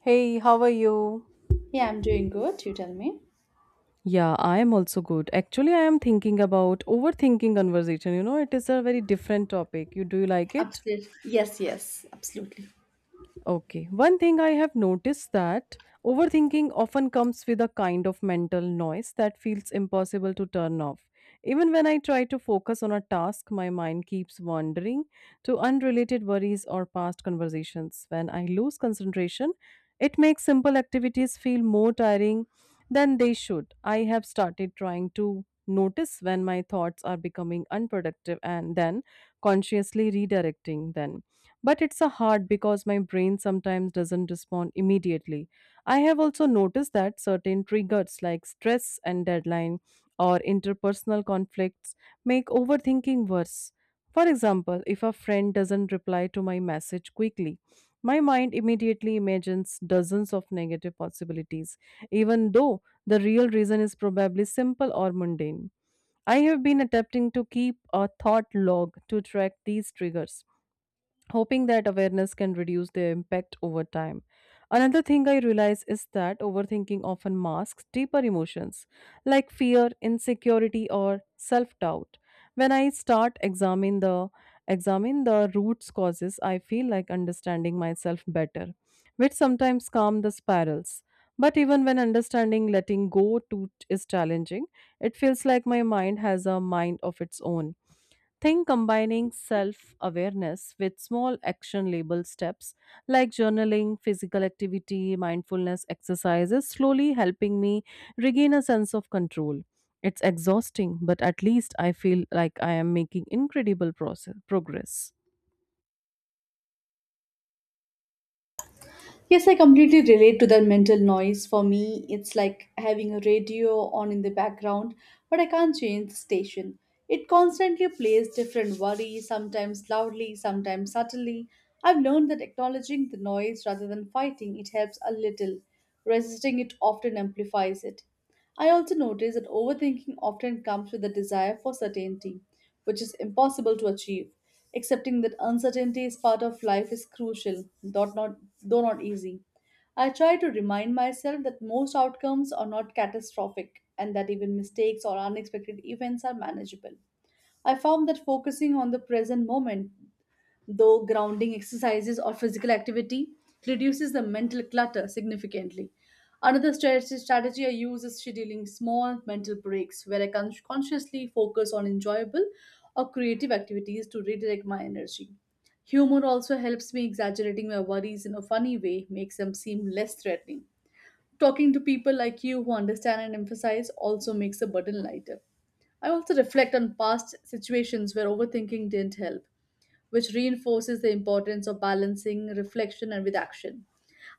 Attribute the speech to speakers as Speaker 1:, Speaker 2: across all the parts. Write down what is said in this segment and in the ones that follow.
Speaker 1: Hey, how are you?
Speaker 2: Yeah, I'm doing good. You tell me.
Speaker 1: Yeah, I am also good. Actually, I am thinking about overthinking conversation. You know, it is a very different topic. You do you like it?
Speaker 2: Absolutely. Yes, absolutely.
Speaker 1: Okay. One thing I have noticed that overthinking often comes with a kind of mental noise that feels impossible to turn off. Even when I try to focus on a task, my mind keeps wandering to unrelated worries or past conversations. When I lose concentration, it makes simple activities feel more tiring than they should. I have started trying to notice when my thoughts are becoming unproductive and then consciously redirecting them but it's a hard because my brain sometimes doesn't respond immediately. I have also noticed that certain triggers like stress and deadline or interpersonal conflicts make overthinking worse. For example, if a friend doesn't reply to my message quickly, my mind immediately imagines dozens of negative possibilities, even though the real reason is probably simple or mundane. I have been attempting to keep a thought log to track these triggers, hoping that awareness can reduce their impact over time. Another thing I realize is that overthinking often masks deeper emotions like fear, insecurity, or self-doubt. When I start examine the roots causes, I feel like understanding myself better, which sometimes calm the spirals. But even when understanding letting go to is challenging, it feels like my mind has a mind of its own. Think combining self awareness with small action label steps like journaling, physical activity, mindfulness exercises slowly helping me regain a sense of control. It's exhausting, but at least I feel like I am making incredible progress.
Speaker 2: Yes, I completely relate to that mental noise. For me, it's like having a radio on in the background, but I can't change the station. It constantly plays different worries, sometimes loudly, sometimes subtly. I've learned that acknowledging the noise rather than fighting it helps a little. Resisting it often amplifies it. I also notice that overthinking often comes with a desire for certainty, which is impossible to achieve. Accepting that uncertainty is part of life is crucial, though not easy. I try to remind myself that most outcomes are not catastrophic and that even mistakes or unexpected events are manageable. I found that focusing on the present moment though grounding exercises or physical activity reduces the mental clutter significantly. Strategy I use is scheduling small mental breaks where I can consciously focus on enjoyable or creative activities to redirect my energy. Humor also helps me exaggerating my worries in a funny way makes them seem less threatening. Talking to people like you who understand and emphasize also makes the burden lighter. I also reflect on past situations where overthinking didn't help, which reinforces the importance of balancing reflection and with action.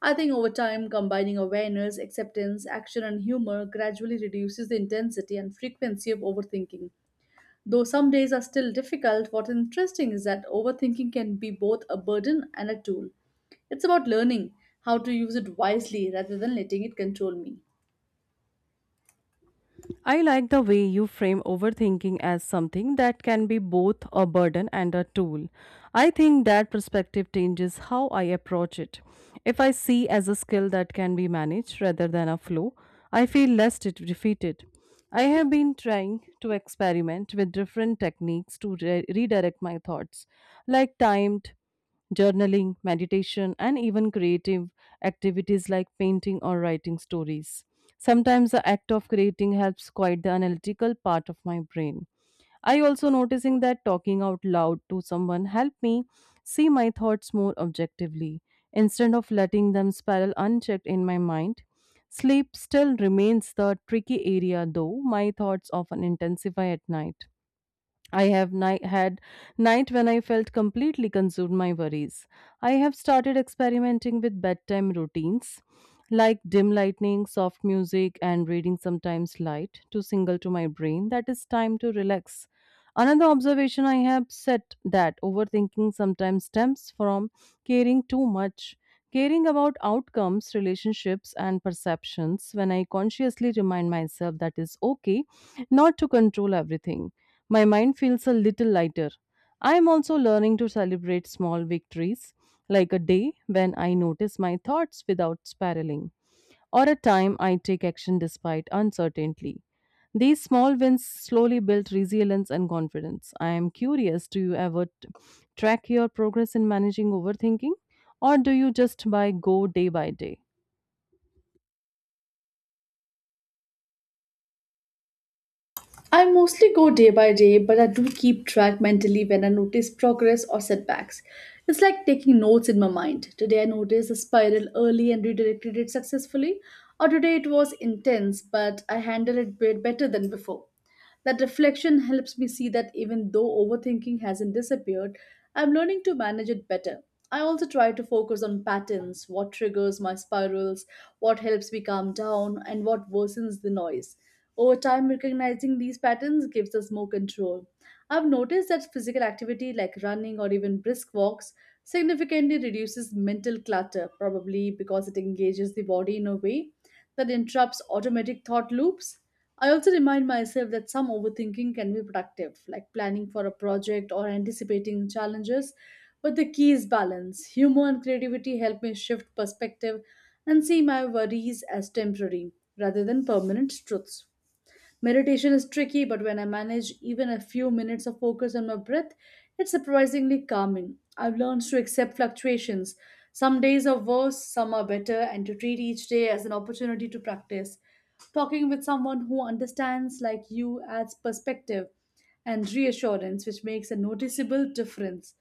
Speaker 2: I think over time, combining awareness, acceptance, action, and humor gradually reduces the intensity and frequency of overthinking. Though some days are still difficult, what's interesting is that overthinking can be both a burden and a tool. It's about learning how to use it wisely rather than letting it control me.
Speaker 1: I like the way you frame overthinking as something that can be both a burden and a tool. I think that perspective changes how I approach it. If I see as a skill that can be managed rather than a flaw, I feel less defeated. I have been trying to experiment with different techniques to redirect my thoughts, like timed journaling, meditation, and even creative activities like painting or writing stories. Sometimes the act of creating helps quiet the analytical part of my brain. I also noticing that talking out loud to someone helped me see my thoughts more objectively instead of letting them spiral unchecked in my mind. Sleep still remains the tricky area though my thoughts often intensify at night. I have had night when I felt completely consumed my worries. I have started experimenting with bedtime routines like dim lightning, soft music, and reading sometimes light to signal to my brain that it's time to relax. Another observation I have set that overthinking sometimes stems from caring too much. Caring about outcomes, relationships, and perceptions when I consciously remind myself that it's okay not to control everything. My mind feels a little lighter. I am also learning to celebrate small victories, like a day when I notice my thoughts without spiraling, or a time I take action despite uncertainty. These small wins slowly build resilience and confidence. I am curious, do you ever track your progress in managing overthinking, or do you just by go day by day?
Speaker 2: I mostly go day by day, but I do keep track mentally when I notice progress or setbacks. It's like taking notes in my mind. Today I noticed a spiral early and redirected it successfully, or today it was intense, but I handled it bit better than before. That reflection helps me see that even though overthinking hasn't disappeared, I'm learning to manage it better. I also try to focus on patterns, what triggers my spirals, what helps me calm down, and what worsens the noise. Over time, recognizing these patterns gives us more control. I've noticed that physical activity like running or even brisk walks significantly reduces mental clutter, probably because it engages the body in a way that interrupts automatic thought loops. I also remind myself that some overthinking can be productive, like planning for a project or anticipating challenges, but the key is balance. Humor and creativity help me shift perspective and see my worries as temporary rather than permanent truths. Meditation is tricky, but when I manage even a few minutes of focus on my breath, it's surprisingly calming. I've learned to accept fluctuations. Some days are worse, some are better, and to treat each day as an opportunity to practice. Talking with someone who understands like you adds perspective and reassurance, which makes a noticeable difference.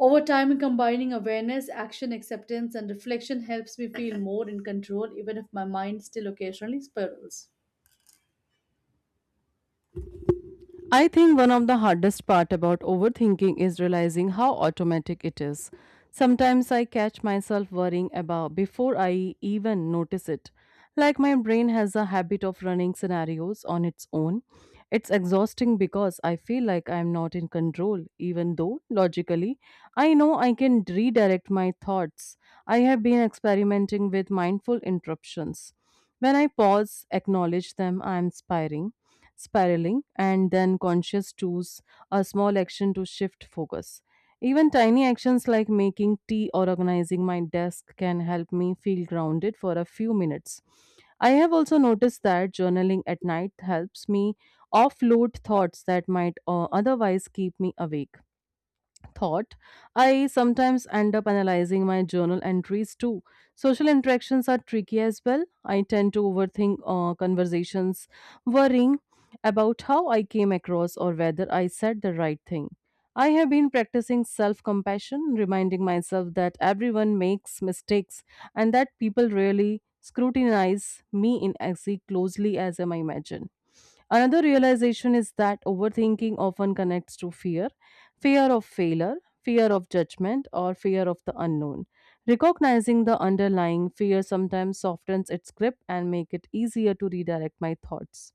Speaker 2: Over time, combining awareness, action, acceptance, and reflection helps me feel more in control, even if my mind still occasionally spirals.
Speaker 1: I think one of the hardest part about overthinking is realizing how automatic it is. Sometimes I catch myself worrying about before I even notice it. Like my brain has a habit of running scenarios on its own. It's exhausting because I feel like I'm not in control, even though logically I know I can redirect my thoughts. I have been experimenting with mindful interruptions. When I pause, acknowledge them, I am spiraling, and then conscious choose a small action to shift focus. Even tiny actions like making tea or organizing my desk can help me feel grounded for a few minutes. I have also noticed that journaling at night helps me offload thoughts that might otherwise keep me awake thought, I sometimes end up analyzing my journal entries too. Social interactions are tricky as well. I tend to overthink conversations, worrying about how I came across or whether I said the right thing. I have been practicing self compassion, reminding myself that everyone makes mistakes and that people really scrutinize me in as closely as I imagine. Another realization is that overthinking often connects to fear of failure, fear of judgment, or fear of the unknown. Recognizing the underlying fear sometimes softens its grip and make it easier to redirect my thoughts.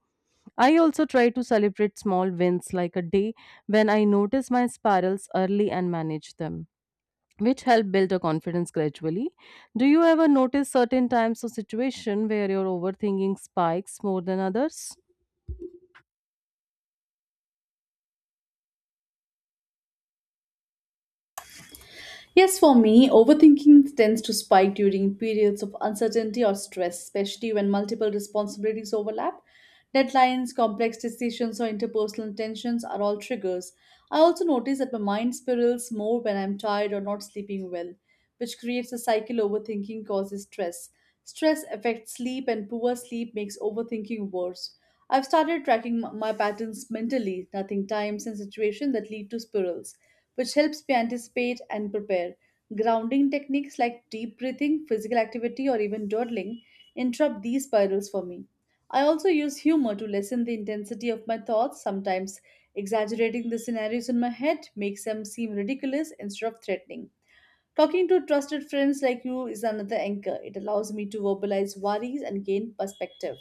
Speaker 1: I also try to celebrate small wins like a day when I notice my spirals early and manage them, which help build a confidence gradually. Do you ever notice certain times or situation where your overthinking spikes more than others?
Speaker 2: Yes, for me, overthinking tends to spike during periods of uncertainty or stress, especially when multiple responsibilities overlap. Deadlines, complex decisions, or interpersonal tensions are all triggers. I also notice that my mind spirals more when I'm tired or not sleeping well, which creates a cycle overthinking causes stress. Stress affects sleep, and poor sleep makes overthinking worse. I've started tracking my patterns mentally, noting times and situations that lead to spirals, which helps me anticipate and prepare. Grounding techniques like deep breathing, physical activity, or even dawdling interrupt these spirals for me. I also use humor to lessen the intensity of my thoughts. Sometimes exaggerating the scenarios in my head makes them seem ridiculous instead of threatening. Talking to trusted friends like you is another anchor. It allows me to verbalize worries and gain perspective.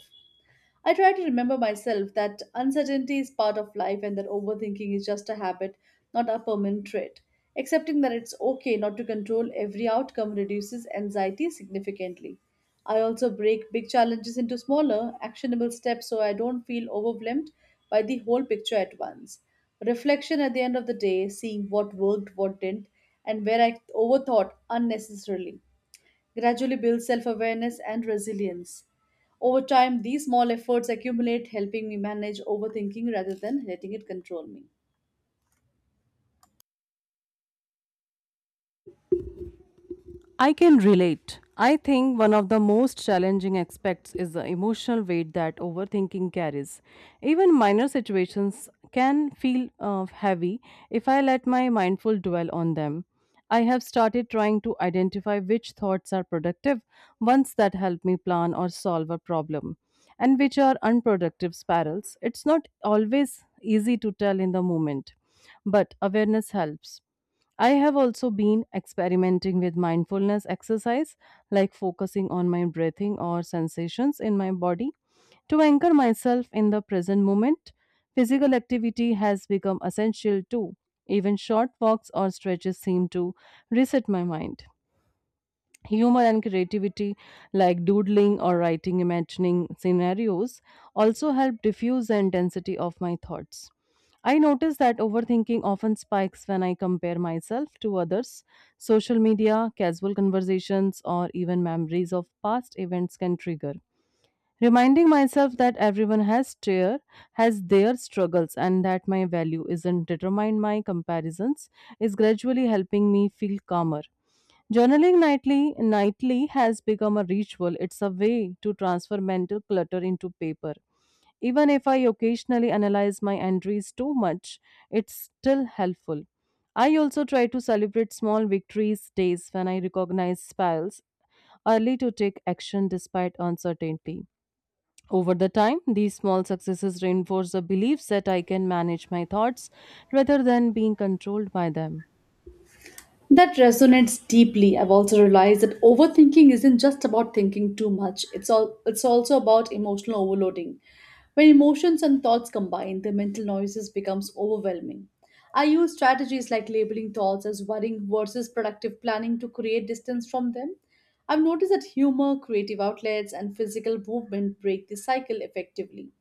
Speaker 2: I try to remember myself that uncertainty is part of life and that overthinking is just a habit, not a permanent trait. Accepting that it's okay not to control every outcome reduces anxiety significantly. I also break big challenges into smaller, actionable steps so I don't feel overwhelmed by the whole picture at once. Reflection at the end of the day, seeing what worked, what didn't, and where I overthought unnecessarily gradually build self awareness and resilience. Over time, these small efforts accumulate, helping me manage overthinking rather than letting it control me.
Speaker 1: I can relate. I think one of the most challenging aspects is the emotional weight that overthinking carries. Even minor situations can feel heavy if I let my mindful dwell on them. I have started trying to identify which thoughts are productive, ones that help me plan or solve a problem, and which are unproductive spirals. It's not always easy to tell in the moment, but awareness helps. I have also been experimenting with mindfulness exercise, like focusing on my breathing or sensations in my body to anchor myself in the present moment. Physical activity has become essential too. Even short walks or stretches seem to reset my mind. Humor and creativity, like doodling or writing imagining scenarios, also help diffuse the intensity of my thoughts. I notice that overthinking often spikes when I compare myself to others. Social media, casual conversations, or even memories of past events can trigger. Reminding myself that has their struggles and that my value isn't determined by comparisons is gradually helping me feel calmer. Journaling nightly has become a ritual. It's a way to transfer mental clutter into paper. Even if I occasionally analyze my entries too much, it's still helpful. I also try to celebrate small victories days when I recognize spells early to take action despite uncertainty. Over the time, these small successes reinforce the belief that I can manage my thoughts rather than being controlled by them.
Speaker 2: That resonates deeply. I've also realized that overthinking isn't just about thinking too much. It's also about emotional overloading. When emotions and thoughts combine, the mental noises becomes overwhelming. I use strategies like labeling thoughts as worrying versus productive planning to create distance from them. I've noticed that humor, creative outlets, and physical movement break the cycle effectively.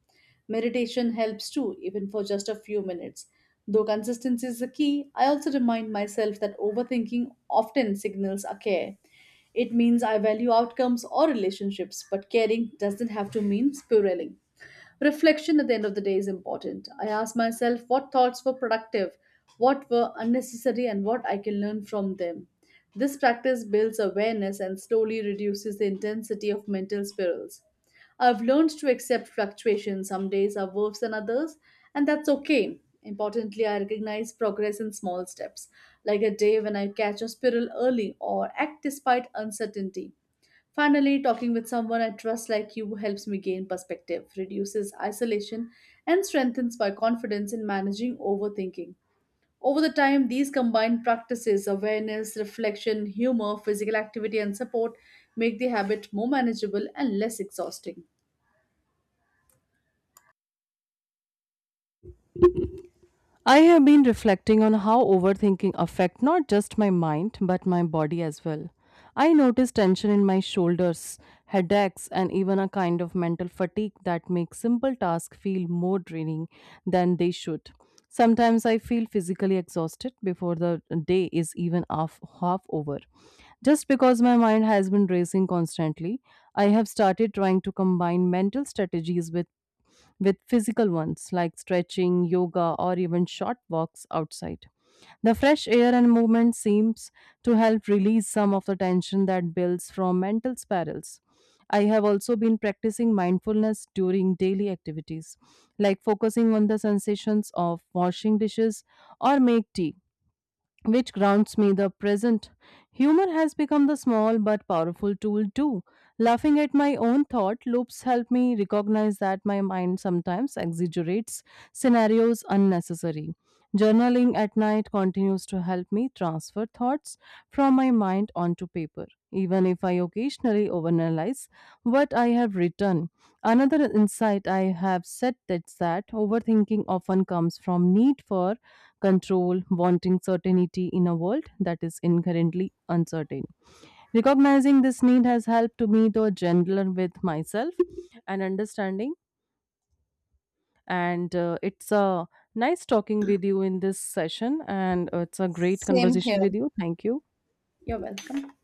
Speaker 2: Meditation helps too, even for just a few minutes. Though consistency is the key, I also remind myself that overthinking often signals a care. It means I value outcomes or relationships, but caring doesn't have to mean spiraling. Reflection at the end of the day is important. I ask myself what thoughts were productive, what were unnecessary, and what I can learn from them. This practice builds awareness and slowly reduces the intensity of mental spirals. I've learned to accept fluctuations. Some days are worse than others, and that's okay. Importantly, I recognize progress in small steps, like a day when I catch a squirrel early or act despite uncertainty. Finally, talking with someone I trust like you helps me gain perspective, reduces isolation, and strengthens my confidence in managing overthinking. Over the time, these combined practices awareness, reflection, humor, physical activity, and support make the habit more manageable and less exhausting.
Speaker 1: I have been reflecting on how overthinking affects not just my mind but my body as well. I notice tension in my shoulders, headaches and even a kind of mental fatigue that makes simple tasks feel more draining than they should. Sometimes I feel physically exhausted before the day is even half over. Just because my mind has been racing constantly, I have started trying to combine mental strategies with physical ones like stretching, yoga, or even short walks outside. The fresh air and movement seems to help release some of the tension that builds from mental spirals. I have also been practicing mindfulness during daily activities, like focusing on the sensations of washing dishes or make tea which grounds me the present. Humor has become the small but powerful tool too. Laughing at my own thought loops help me recognize that my mind sometimes exaggerates scenarios unnecessary. Journaling at night continues to help me transfer thoughts from my mind onto paper, even if I occasionally overanalyze what I have written. Another insight I have said is that overthinking often comes from need for control, wanting certainty in a world that is inherently uncertain. Recognizing this need has helped to me to gentler with myself and understanding. And it's a nice talking with you in this session, and it's a great conversation with you. Thank you.
Speaker 2: You're welcome.